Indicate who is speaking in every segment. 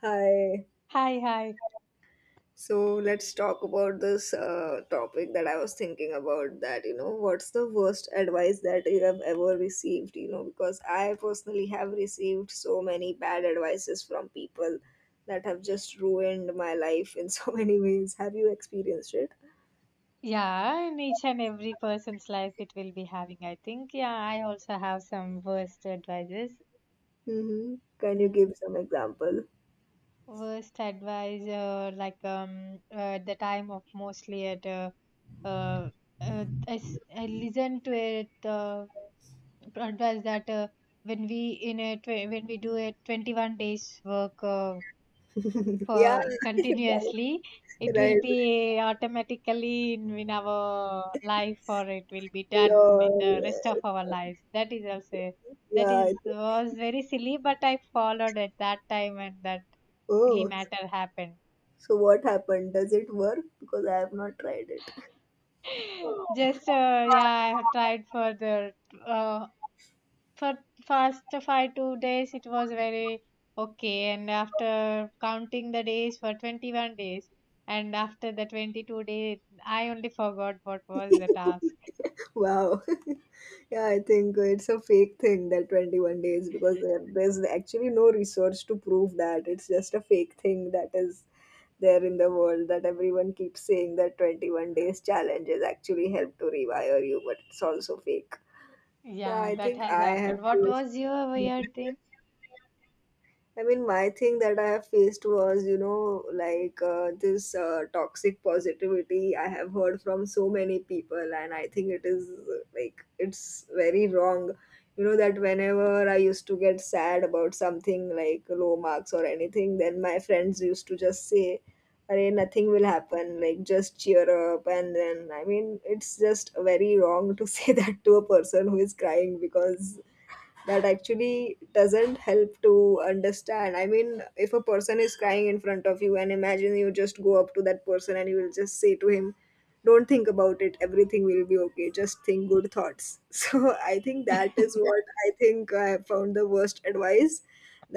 Speaker 1: Hi.
Speaker 2: Hi.
Speaker 1: So let's talk about this topic that I was thinking about that, you know, what's the worst advice that you have ever received, you know, because I personally have received so many bad advices from people that have just ruined my life in so many ways. Have you experienced it?
Speaker 2: Yeah, in each and every person's life it will be having, I think. Yeah, I also have some worst advices.
Speaker 1: Mm-hmm. Can you
Speaker 2: Mm,
Speaker 1: give some example?
Speaker 2: worst advice, the time of mostly at uh, I listen to it advice that when we in a tw when we do a 21 days work
Speaker 1: Yeah,
Speaker 2: for continuously, it will
Speaker 1: right.
Speaker 2: be automatically in our life, or it will be done in
Speaker 1: Lol.
Speaker 2: the rest of our lives. That is also that
Speaker 1: Yeah.
Speaker 2: is
Speaker 1: I-
Speaker 2: was very silly, but I followed at that time, and that silly
Speaker 1: Oh,
Speaker 2: matter happened.
Speaker 1: so what happened? Does it work? Because I have not tried it.
Speaker 2: just yeah, I have tried for the uh, for first 5 2 days. It was very okay, and after counting the days for 21 days and after the 22 day, I only forgot what was the task.
Speaker 1: Wow. Yeah, I think it's a fake thing that 21 days because there's actually no research to prove that. It's just a fake thing that is there in the world that everyone keeps saying that 21 days challenge is actually help to rewire you, but it's also fake. Yeah,
Speaker 2: Yeah,
Speaker 1: I
Speaker 2: that
Speaker 1: think
Speaker 2: has
Speaker 1: I have
Speaker 2: happened. What
Speaker 1: faced.
Speaker 2: was your weird thing?
Speaker 1: I mean, my thing that I have faced was, you know, like this toxic positivity I have heard from so many people, and I think it is like it's very wrong. You know, that whenever I used to get sad about something like low marks or anything, then my friends used to just say, Arey, nothing will happen, like just cheer up. And then, I mean, it's just very wrong to say that to a person who is crying because that actually doesn't help to understand. I mean, if a person is crying in front of you and imagine you just go up to that person and you will just say to him, Don't think about it, everything will be okay, just think good thoughts. So I think that is Yeah. what I think I found the worst advice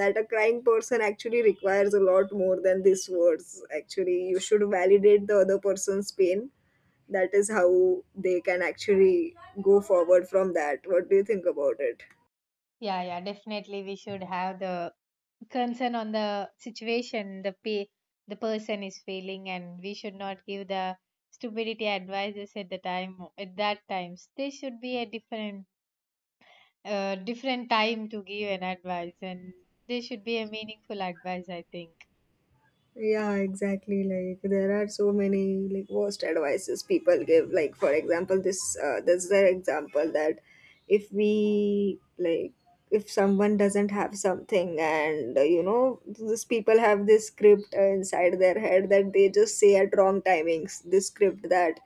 Speaker 1: that a crying person actually requires a lot more than these words. Actually, you should validate the other person's pain. That is how they can actually go forward from that. What do you think about it?
Speaker 2: Yeah, yeah, definitely we should have the concern on the situation the person is feeling, and we should not give the stupidity advices at the time. At that times there should be a different different time to give an advice, and they should be a meaningful advice, I think.
Speaker 1: Yeah, exactly. Like there are so many like worst advices people give. Like for example, this this is an example that if we like if someone doesn't have something and you know these people have this script inside their head that they just say at wrong timings. This script that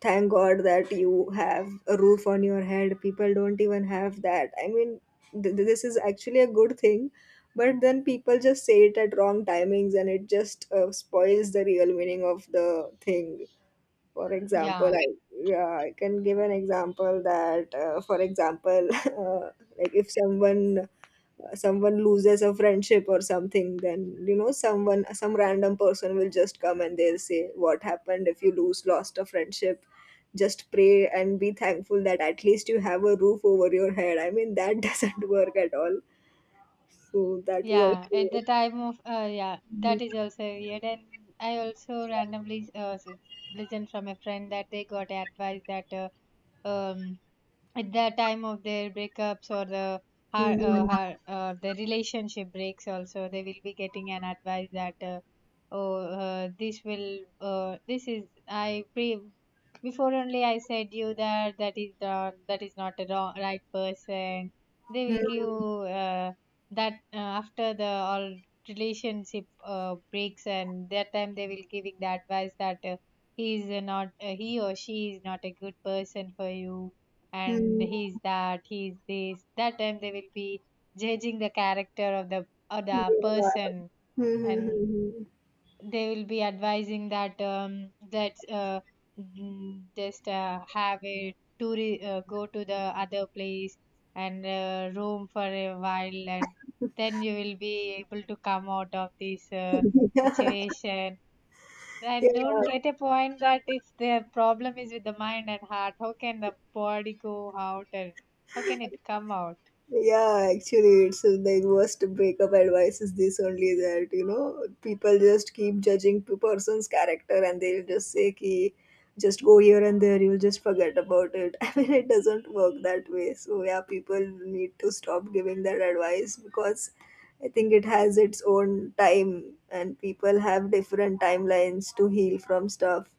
Speaker 1: thank god that you have a roof on your head, people don't even have that. I mean this is actually a good thing, but then people just say it at wrong timings and it just spoils the real meaning of the thing, for example,
Speaker 2: Yeah,
Speaker 1: I yeah, I can give an example that, for example, uh, like if someone someone loses a friendship or something, then you know someone, some random person will just come and they'll say, "What happened if you lose lost a friendship? Just pray and be thankful that at least you have a roof over your head." I mean, that doesn't work at all. So that is
Speaker 2: yeah, at
Speaker 1: also.
Speaker 2: the time of yeah, that is also weird. And I also randomly listened from a friend that they got advice that um at the time of their breakups or
Speaker 1: Mhm.
Speaker 2: the relationship breaks also, they will be getting an advice that oh this will this is before only I said you that that is the that is not a wrong, right person. They will
Speaker 1: Mhm.
Speaker 2: give that after the all relationship breaks, and that time they will giving the advice that he is not, he or she is not a good person for you, and
Speaker 1: Mhm.
Speaker 2: he's that, he's this, that, time they will be judging the character of the
Speaker 1: Yeah.
Speaker 2: other
Speaker 1: Mhm.
Speaker 2: person, and they will be advising that just have a tour, go to the other place and roam for a while, and then you will be able to come out of this
Speaker 1: Mhm. Mhm.
Speaker 2: situation. I don't
Speaker 1: Yeah.
Speaker 2: get a point that if the problem is with the mind and heart, how can the body go out, and how can it come out?
Speaker 1: Yeah, actually, it's the worst breakup advice is this only, that you know people just keep judging two person's character and they'll just say ki just go here and there, you'll just forget about it. I mean, it doesn't work that way. So yeah, people need to stop giving that advice because I think it has its own time and people have different timelines to heal from stuff.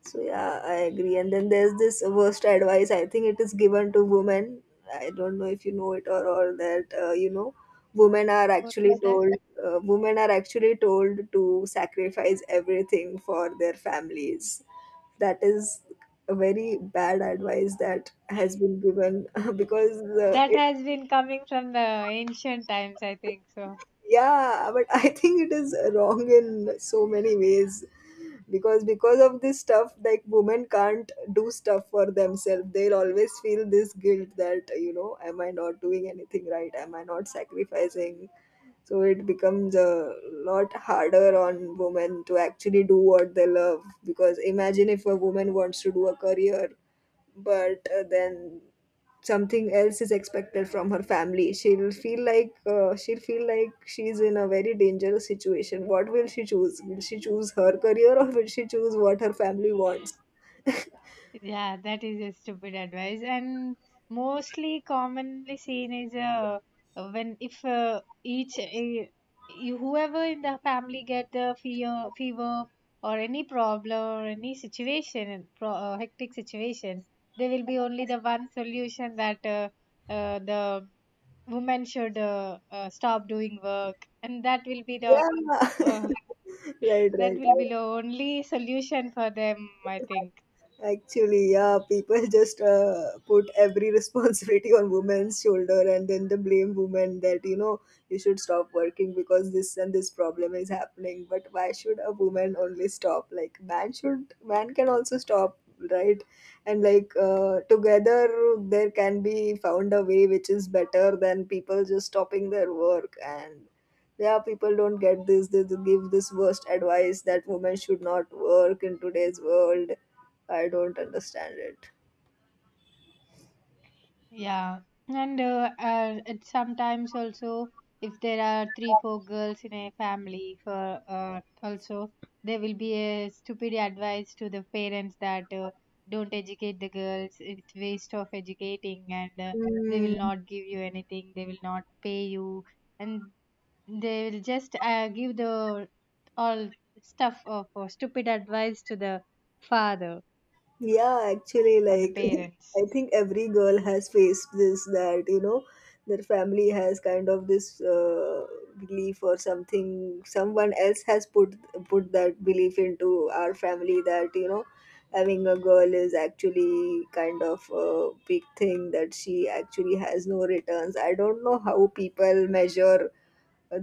Speaker 1: So yeah, I agree. And then there's this worst advice. I think it is given to women. I don't know if you know it or all that. You know, women are
Speaker 2: What
Speaker 1: actually
Speaker 2: is that?
Speaker 1: told. Women are actually told to sacrifice everything for their families. That is a very bad advice that has been given because
Speaker 2: That
Speaker 1: it.
Speaker 2: has been coming from the ancient times, I think so.
Speaker 1: Yeah, but I think it is wrong in so many ways. Because of this stuff, like women can't do stuff for themselves, they'll always feel this guilt that, you know, am I not doing anything right, am I not sacrificing? So it becomes a lot harder on women to actually do what they love, because imagine if a woman wants to do a career but then something else is expected from her family, she'll feel like she's in a very dangerous situation. What will she choose? Will she choose her career or will she choose what her family wants?
Speaker 2: Yeah, that is a stupid advice, and mostly commonly seen is when if each you, whoever in the family get the fear, fever or any problem or any situation, pro, hectic situation, there will be only the one solution that the woman should stop doing work, and that will be the
Speaker 1: Yeah.
Speaker 2: uh,
Speaker 1: Right,
Speaker 2: that
Speaker 1: right.
Speaker 2: will be the only solution for them, I think.
Speaker 1: Actually, yeah, people just put every responsibility on women's shoulder and then they blame women that, you know, you should stop working because this and this problem is happening. But why should a woman only stop? Like, man can also stop, right? And like, together there can be found a way which is better than people just stopping their work. And yeah, people don't get this, they give this worst advice that women should not work in today's world. I don't understand it.
Speaker 2: Yeah, and it sometimes also, if there are 3 4 girls in a family for also, there will be a stupid advice to the parents that don't educate the girls, it's waste of educating, and they
Speaker 1: Mm,
Speaker 2: will not give you anything, they will not pay you, and they will just give the all stuff of stupid advice to the father
Speaker 1: yeah, actually,
Speaker 2: or the
Speaker 1: like
Speaker 2: parents.
Speaker 1: I think every girl has faced this, that you know their family has kind of this belief or something. Someone else has put that belief into our family, that you know having a girl is actually kind of a big thing, that she actually has no returns. I don't know how people measure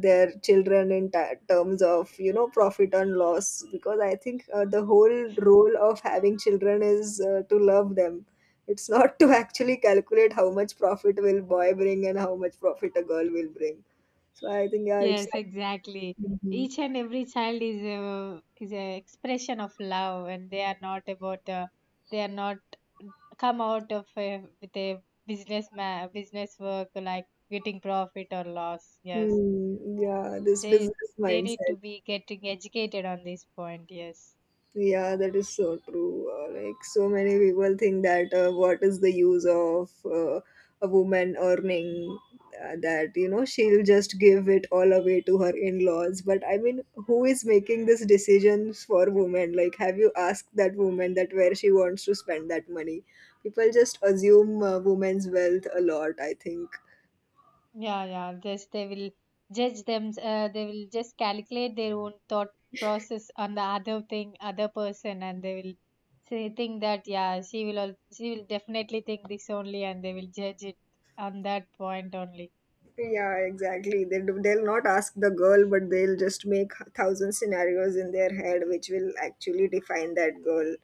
Speaker 1: their children in ta terms of, you know, profit and loss, because I think the whole role of having children is to love them. It's not to actually calculate how much profit will boy bring and how much profit a girl will bring. So I think yeah, it's
Speaker 2: Yes, exactly.
Speaker 1: Mhm.
Speaker 2: Each and every child is a expression of love, and they are not about they are not come out of a, with a business business work like getting profit or loss. Yes,
Speaker 1: Hmm, yeah, this
Speaker 2: they
Speaker 1: business
Speaker 2: they need to
Speaker 1: mindset.
Speaker 2: be getting educated on this point. Yes.
Speaker 1: Yeah, that is so true. Like so many people think that what is the use of a woman earning, that you know she'll just give it all away to her in-laws. But I mean, who is making these decisions for women? Like, have you asked that woman that where she wants to spend that money? People just assume women's wealth a lot, I think.
Speaker 2: Yeah, yeah. Just they will judge them. They will just calculate their own thought process on the other thing, other person, and they will say think that yeah, she will definitely think this only, and they will judge it on that point only.
Speaker 1: Yeah, exactly. They do, they'll not ask the girl, but they'll just make h- thousand scenarios in their head, which will actually define that girl.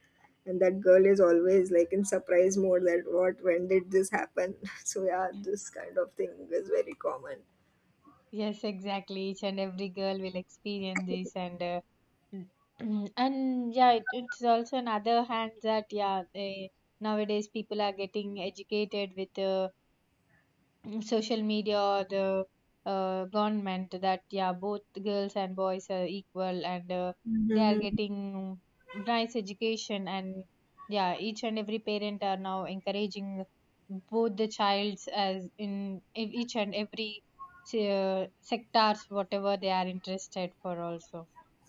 Speaker 1: And that girl is always like in surprise mode that what, when did this happen? So yeah, this kind of thing is very common.
Speaker 2: Yes, exactly. Each and every girl will experience this, and mm, and yeah, it's also another hand that yeah, they, nowadays people are getting educated with. Social media or the government that yeah, both girls and boys are equal, and they are
Speaker 1: Mm-hmm.
Speaker 2: getting nice education, and yeah, each and every parent are now encouraging both the childs as in each and every sectors whatever they are interested for also,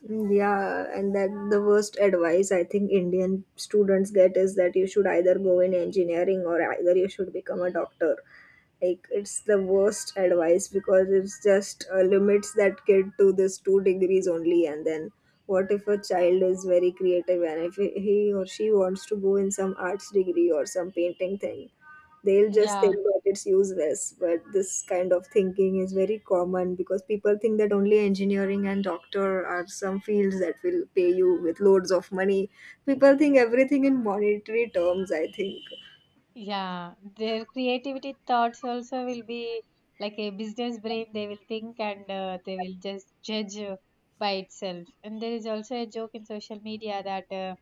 Speaker 1: Yeah, and that the worst advice I think Indian students get is that you should either go in engineering or either you should become a doctor. Like it's the worst advice because it's just limits that kid to this two degrees only, and then what if a child is very creative and if he or she wants to go in some arts degree or some painting thing, they'll just think
Speaker 2: yeah.
Speaker 1: that it's useless. But this kind of thinking is very common because people think that only engineering and doctor are some fields that will pay you with loads of money. People think everything in monetary terms, I think.
Speaker 2: Yeah, their creativity thoughts also will be like a business brain. They will think, and they will just judge by itself. And there is also a joke in social media that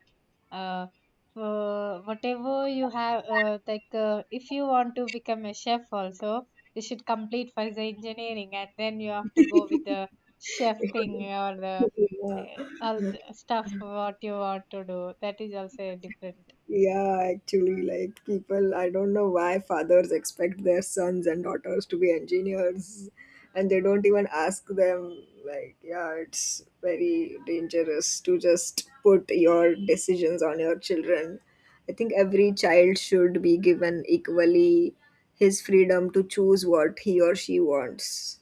Speaker 2: uh, for whatever you have, if you want to become a chef, also you should complete first the engineering, and then you have to go with the chef thing or the
Speaker 1: Yeah.
Speaker 2: uh, all the stuff what you want to do. That is also a different.
Speaker 1: Yeah, actually, like people, I don't know why fathers expect their sons and daughters to be engineers and they don't even ask them. Like, yeah, it's very dangerous to just put your decisions on your children. I think every child should be given equally his freedom to choose what he or she wants.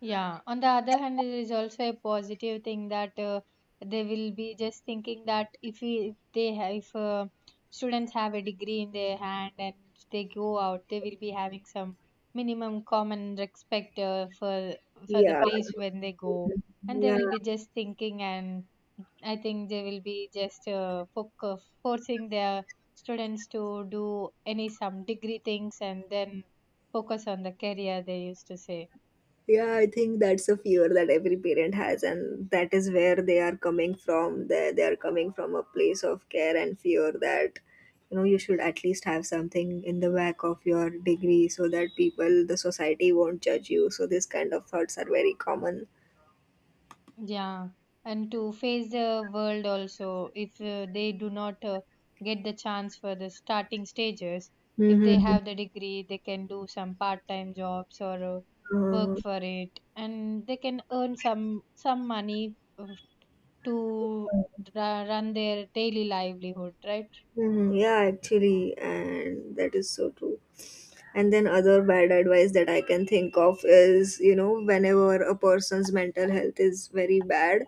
Speaker 2: Yeah, on the other hand, it is also a positive thing that they will be just thinking that if we, if they have, if students have a degree in their hand and if they go out, they will be having some minimum common respect for the
Speaker 1: Yeah,
Speaker 2: place when they go, and they
Speaker 1: yeah.
Speaker 2: will be just thinking, and I think they will be just forcing their students to do any some degree things, and then focus on the career they used to say.
Speaker 1: Yeah, I think that's a fear that every parent has, and that is where they are coming from. They are coming from a place of care and fear that you know you should at least have something in the back of your degree so that people, the society won't judge you. So, these kind of thoughts are very common.
Speaker 2: Yeah, and to face the world also, if they do not get the chance for the starting stages, if they
Speaker 1: Hmm.
Speaker 2: have the degree, they can do some part-time jobs or
Speaker 1: Uh,
Speaker 2: work for it, and they can earn some money to run their daily livelihood, right?
Speaker 1: mhm, yeah, actually, and that is so true. And then other bad advice that I can think of is, you know, whenever a person's mental health is very bad,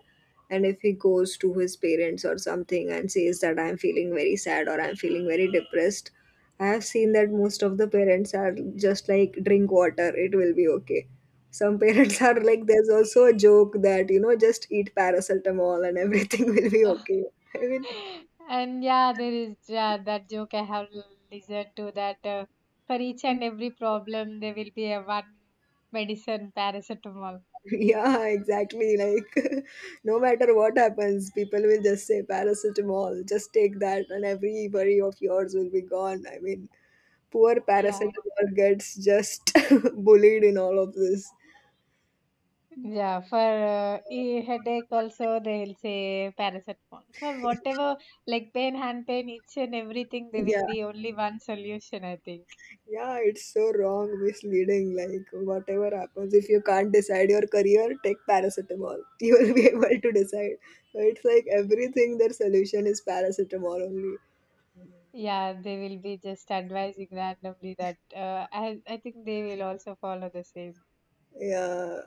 Speaker 1: and if he goes to his parents or something and says that I'm feeling very sad or I'm feeling very depressed, I have seen that most of the parents are just like, drink water, it will be okay. Some parents are like, there's also a joke that, you know, just eat paracetamol and everything will be okay. I mean,
Speaker 2: And yeah, there is yeah, that joke I have listened to that for each and every problem, there will be a one medicine, paracetamol.
Speaker 1: yeah, exactly. Like, no matter what happens, people will just say paracetamol, just take that, and every worry of yours will be gone. I mean, poor
Speaker 2: Yeah,
Speaker 1: paracetamol gets just bullied in all of this.
Speaker 2: yeah. For headache, also they'll say paracetamol. For whatever like pain, hand pain, itch and everything, there will
Speaker 1: Yeah,
Speaker 2: be only one solution, I think.
Speaker 1: yeah, it's so wrong, misleading. Like, whatever happens, if you can't decide your career, take paracetamol. You will be able to decide. So it's like everything, their solution is paracetamol only.
Speaker 2: Yeah, they will be just advising randomly that. I think they will also follow the same.
Speaker 1: Yeah,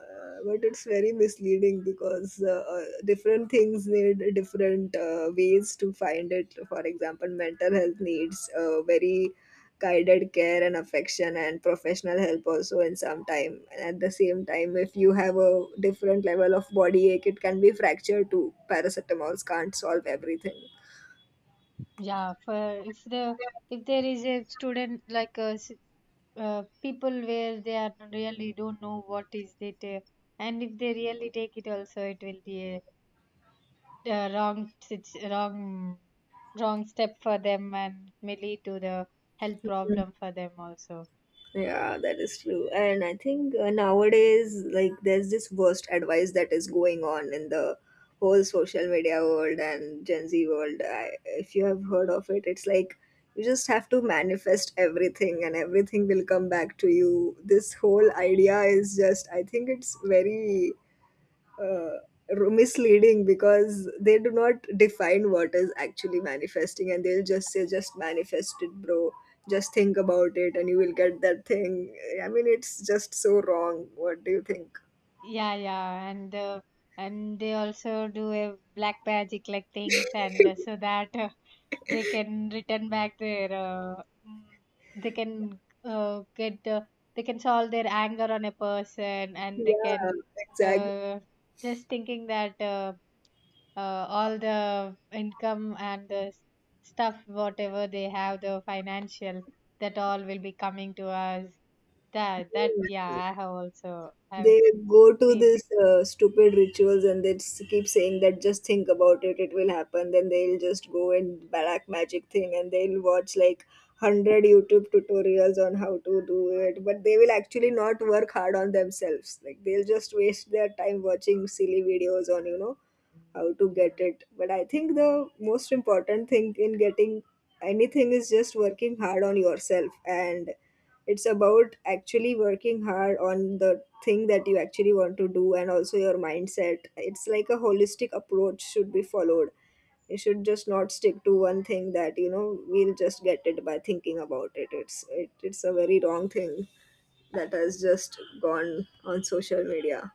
Speaker 1: but it's very misleading because different things need different ways to find it. For example, mental health needs very guided care and affection and professional help also in some time. And at the same time, if you have a different level of body ache, it can be fractured too. Paracetamols can't solve everything.
Speaker 2: Yeah, for if the if there is a student like a people where they are really don't know what is it, and if they really take it also, it will be a the wrong sit- wrong wrong step for them, and may lead to the health problem for them also.
Speaker 1: Yeah, that is true. And I think nowadays, like, there's this worst advice that is going on in the whole social media world and Gen Z world. I, if you have heard of it, it's like you just have to manifest everything and everything will come back to you. This whole idea is just, I think it's very uh, misleading because they do not define what is actually manifesting, and they'll just say just manifest it, bro, just think about it and you will get that thing. I mean, it's just so wrong. What do you think?
Speaker 2: Yeah, yeah, and they also do a black magic like things, and so that they can return back their mm, they can get they can solve their anger on a person, and they
Speaker 1: Yeah,
Speaker 2: can
Speaker 1: exactly.
Speaker 2: uh, just thinking that uh, all the income and the stuff whatever they have, the financial, that all will be coming to us, that that yeah, I have also have
Speaker 1: They go to
Speaker 2: experienced.
Speaker 1: this stupid rituals and they keep saying that just think about it, it will happen, then they'll just go and black magic thing and they'll watch like 100 YouTube tutorials on how to do it, but they will actually not work hard on themselves. Like, they'll just waste their time watching silly videos on, you know, how to get it. But I think the most important thing in getting anything is just working hard on yourself, and it's about actually working hard on the thing that you actually want to do, and also your mindset. It's like a holistic approach should be followed. You should just not stick to one thing that, you know, we'll just get it by thinking about it. It's a very wrong thing that has just gone on social media.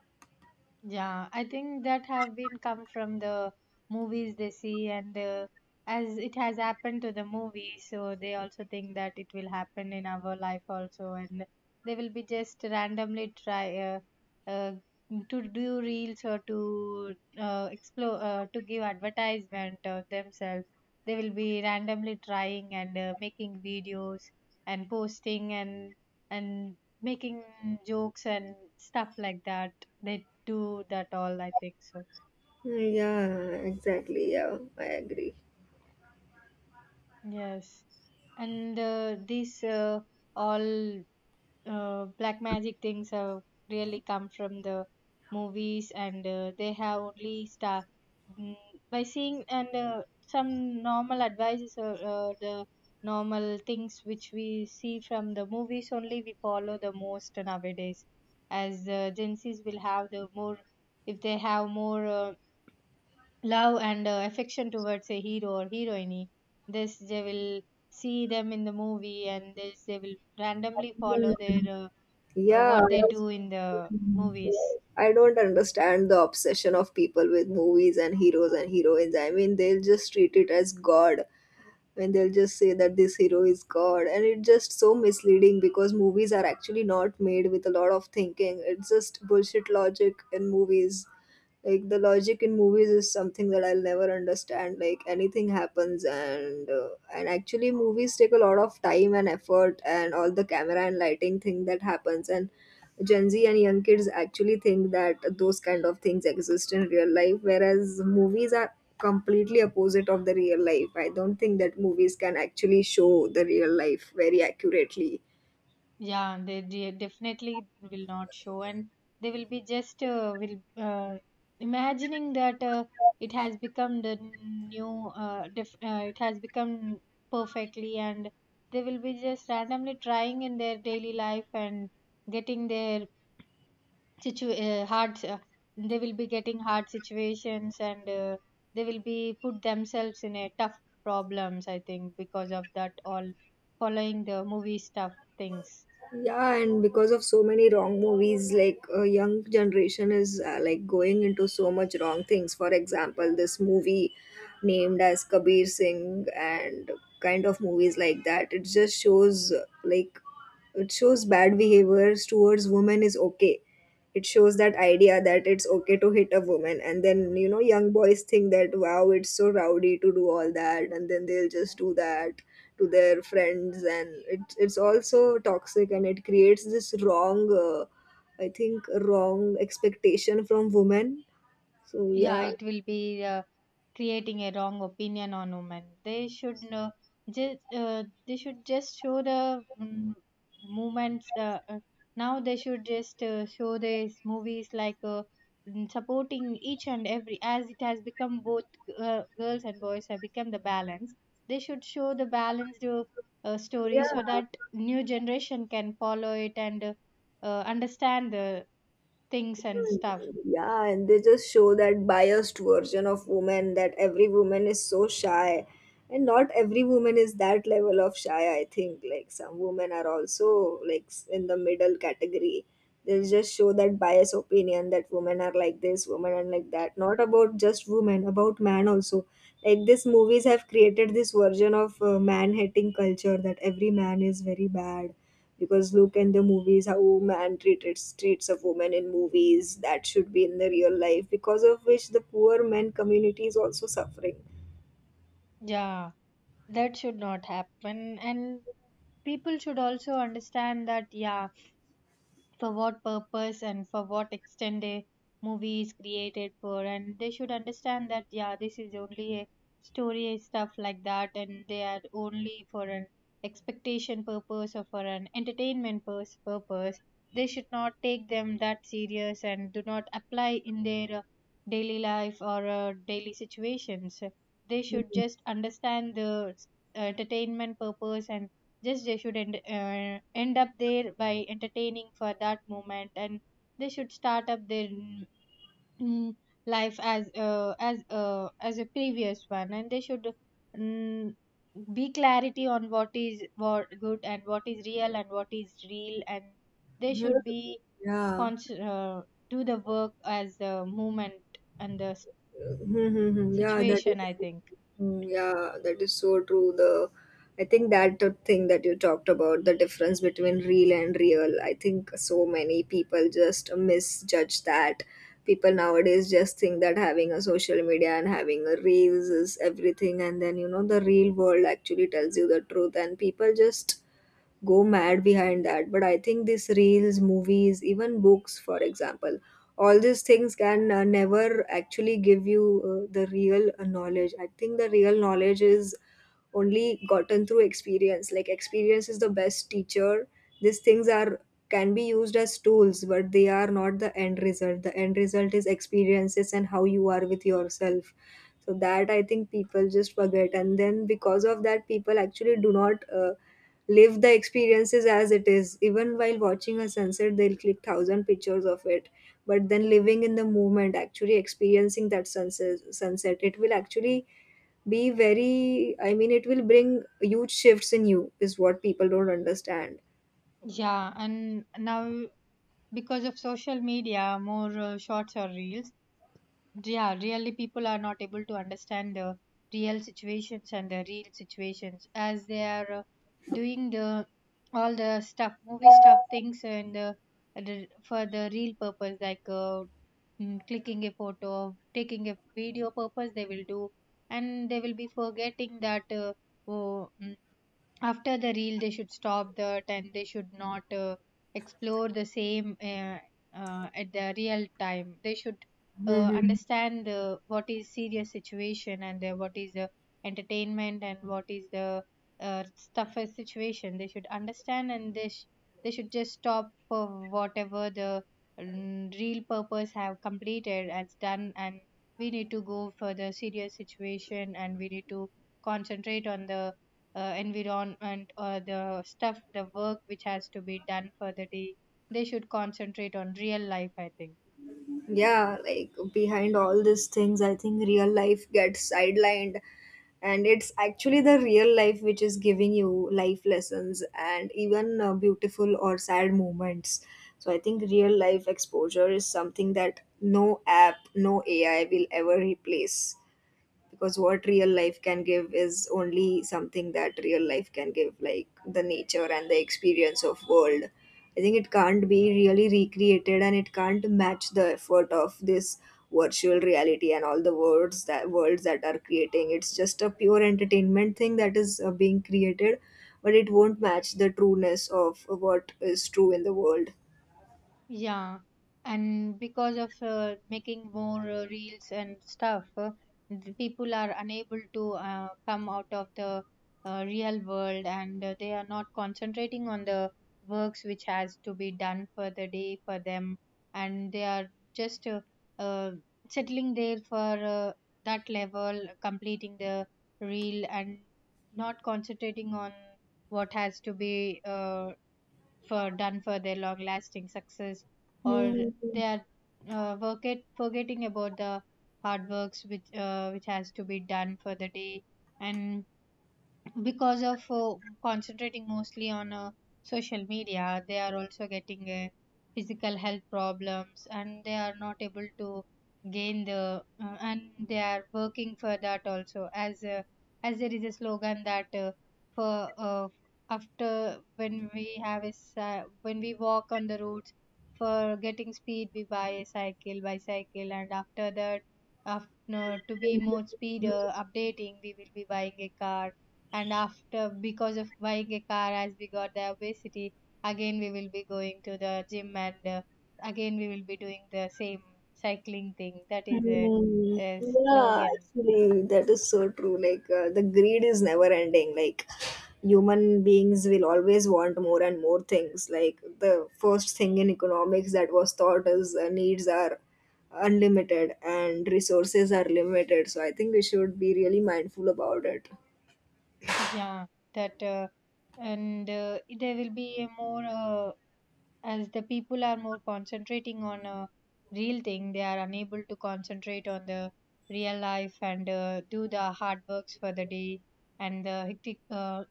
Speaker 2: Yeah, I think that have been come from the movies they see, and the, as it has happened to the movie, so they also think that it will happen in our life also, and they will be just randomly try uh, to do reels or to explore, to give advertisement of themselves. They will be randomly trying, and making videos and posting and making jokes and stuff like that. They do that all, I think so.
Speaker 1: Yeah, exactly. Yeah, I agree.
Speaker 2: Yes, and these all black magic things have really come from the movies, and they have only star mm, by seeing, and some normal advices or the normal things which we see from the movies only, we follow the most nowadays, as Gen Z's will have the more, if they have more love and affection towards a hero or heroine, this they will see them in the movie, and this they will randomly follow their
Speaker 1: Hmm.
Speaker 2: uh, uh,
Speaker 1: Yeah,
Speaker 2: what
Speaker 1: I
Speaker 2: they
Speaker 1: also.
Speaker 2: do in the movies.
Speaker 1: Right. I don't understand the obsession of people with movies and heroes and heroines. I mean, they'll just treat it as God. When they'll just say that this hero is God, and it's just so misleading because movies are actually not made with a lot of thinking. It's just bullshit logic in movies. Like, the logic in movies is something that I'll never understand. Like, anything happens and actually movies take a lot of time and effort and all the camera and lighting thing that happens. And Gen Z and young kids actually think that those kind of things exist in real life, whereas movies are completely opposite of the real life. I don't think that movies can actually show the real life very accurately.
Speaker 2: Yeah, they definitely will not show, and they will be just will imagining that it has become the new it has become perfectly, and they will be just randomly trying in their daily life, and getting their situ hard they will be getting hard situations, and they will be put themselves in a tough problems, I think, because of that all following the movie stuff things.
Speaker 1: Yeah, and because of so many wrong movies, like, a young generation is like going into so much wrong things. For example, this movie named as Kabir Singh and kind of movies like that. It just shows like, it shows bad behaviors towards women is okay, it shows that idea that it's okay to hit a woman, and then, you know, young boys think that wow, it's so rowdy to do all that, and then they'll just do that to their friends, and it's also toxic, and it creates this wrong I think wrong expectation from women. So
Speaker 2: Yeah,
Speaker 1: yeah.
Speaker 2: it will be uh, creating a wrong opinion on women. They should just they should just show the mm movements. Now they should just show these movies like supporting each and every, as it has become both girls and boys have become the balance. They should show the balanced story, so that new generation can follow it, and understand the things and stuff.
Speaker 1: Yeah, and they just show that biased version of women that every woman is so shy. And not every woman is that level of shy, I think. Like, some women are also like in the middle category. They just show that biased opinion that women are like this, women are like that. Not about just women, about man also. Like, these movies have created this version of man hating culture that every man is very bad because look in the movies how man treated treats of women in movies that should be in the real life. Because of which the poor men community is also suffering.
Speaker 2: Yeah. That should not happen, and people should also understand that, yeah, for what purpose and for what extent a movie is created for, and they should understand that, yeah, this is only a story and stuff like that, and they are only for an expectation purpose or for an entertainment purpose. They should not take them that serious and do not apply in their daily life or daily situations. They should
Speaker 1: Mhm.
Speaker 2: just understand the entertainment purpose, and just they should end up there by entertaining for that moment, and they should start up their mm, life as as a previous one, and they should mm, be clarity on what is what good and what is real and what is real, and they
Speaker 1: Mhm.
Speaker 2: should be
Speaker 1: Yeah.
Speaker 2: cons- uh, do the work as the movement and the
Speaker 1: Hmm, hmm, hmm. Yeah, that
Speaker 2: situation,
Speaker 1: is.
Speaker 2: I think.
Speaker 1: Hmm, yeah, that is so true. The, I think that the thing that you talked about, the difference between real and real, I think so many people just misjudge that. People nowadays just think that having a social media and having a reels is everything, and then, you know, the real world actually tells you the truth, and people just go mad behind that. But I think these reels, movies, even books, for example, all these things can never actually give you the real knowledge. I think the real knowledge is only gotten through experience. Like, experience is the best teacher. These things are can be used as tools, but they are not the end result. The end result is experiences and how you are with yourself. So that I think people just forget, and then because of that people actually do not live the experiences as it is. Even while watching a sunset, they'll click thousand pictures of it, but then living in the moment, actually experiencing that sunset, it will actually be very, I mean, it will bring huge shifts in you, is what people don't understand.
Speaker 2: Yeah, and now because of social media, more shorts or reels, yeah, really people are not able to understand the real situations and the real situations as they are, doing the all the stuff movie stuff things, and for the real purpose, like clicking a photo, taking a video purpose, they will do, and they will be forgetting that, oh, mm, after the reel they should stop that, and they should not explore the same, at the real time they should
Speaker 1: Hmm.
Speaker 2: understand what is serious situation, and what is entertainment, and what is the uh, tougher situation they should understand, and they should just stop for whatever the real purpose have completed as done, and we need to go for the serious situation, and we need to concentrate on the environment or the stuff, the work which has to be done for the day. They should concentrate on real life, I think.
Speaker 1: Yeah, like, behind all these things, I think real life gets sidelined, and it's actually the real life which is giving you life lessons and even beautiful or sad moments. So I think real life exposure is something that no app, no AI will ever replace, because what real life can give is only something that real life can give, like the nature and the experience of world. I think it can't be really recreated and it can't match the effort of this virtual reality and all the words that worlds that are creating. It's just a pure entertainment thing that is being created, but it won't match the trueness of what is true in the world.
Speaker 2: Yeah, and because of making more reels and stuff, the people are unable to come out of the real world, and they are not concentrating on the works which has to be done for the day for them, and they are just uh, settling there for that level, completing the reel, and not concentrating on what has to be for done for their long lasting success, or they are forgetting about the hard works which, which has to be done for the day, and because of concentrating mostly on social media, they are also getting physical health problems, and they are not able to gain the and they are working for that also as there is a slogan that, for after when we have a when we walk on the roads, for getting speed we buy a cycle, bicycle, and after that, after, to be more speed updating, we will be buying a car, and after because of buying a car, as we got the obesity, again we will be going to the gym, and again we will be doing the same cycling thing. That is
Speaker 1: Mm,
Speaker 2: a
Speaker 1: yeah,
Speaker 2: slogan.
Speaker 1: actually, that is so true. Like, the greed is never ending. Like, human beings will always want more and more things. Like, the first thing in economics that was taught is needs are unlimited and resources are limited. So, I think we should be really mindful about it.
Speaker 2: Yeah, that and there will be a more as the people are more concentrating on a real thing, they are unable to concentrate on the real life, and do the hard works for the day, and the hectic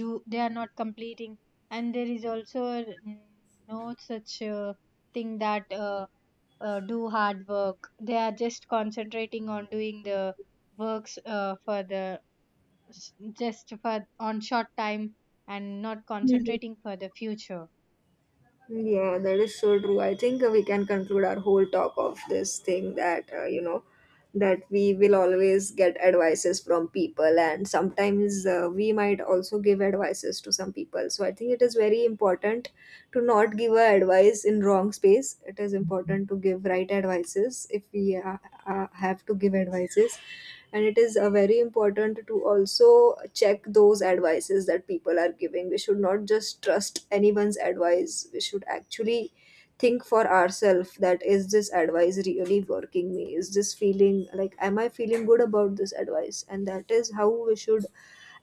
Speaker 2: do, they are not completing, and there is also no such thing that, do hard work. They are just concentrating on doing the works for the s- just for on short time, and not concentrating for the future.
Speaker 1: Yeah, that is so true. I think we can conclude our whole talk of this thing that, you know, that we will always get advices from people, and sometimes we might also give advices to some people. So I think it is very important to not give a advice in wrong space. It is important to give right advices if we have to give advices, and it is very important to also check those advices that people are giving. We should not just trust anyone's advice. We should actually think for ourselves that is this advice really working me, is this feeling like am I feeling good about this advice, and that is how we should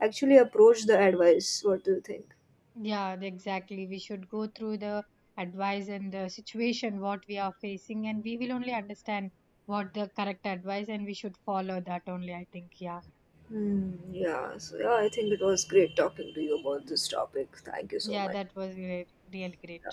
Speaker 1: actually approach the advice. What do you think?
Speaker 2: Yeah, exactly. We should go through the advice and the situation what we are facing, and we will only understand what the correct advice, and we should follow that only. I think, yeah,
Speaker 1: Hmm, yeah, so yeah, I think it was great talking to you about this topic. Thank you so
Speaker 2: yeah,
Speaker 1: much.
Speaker 2: that was great, really great.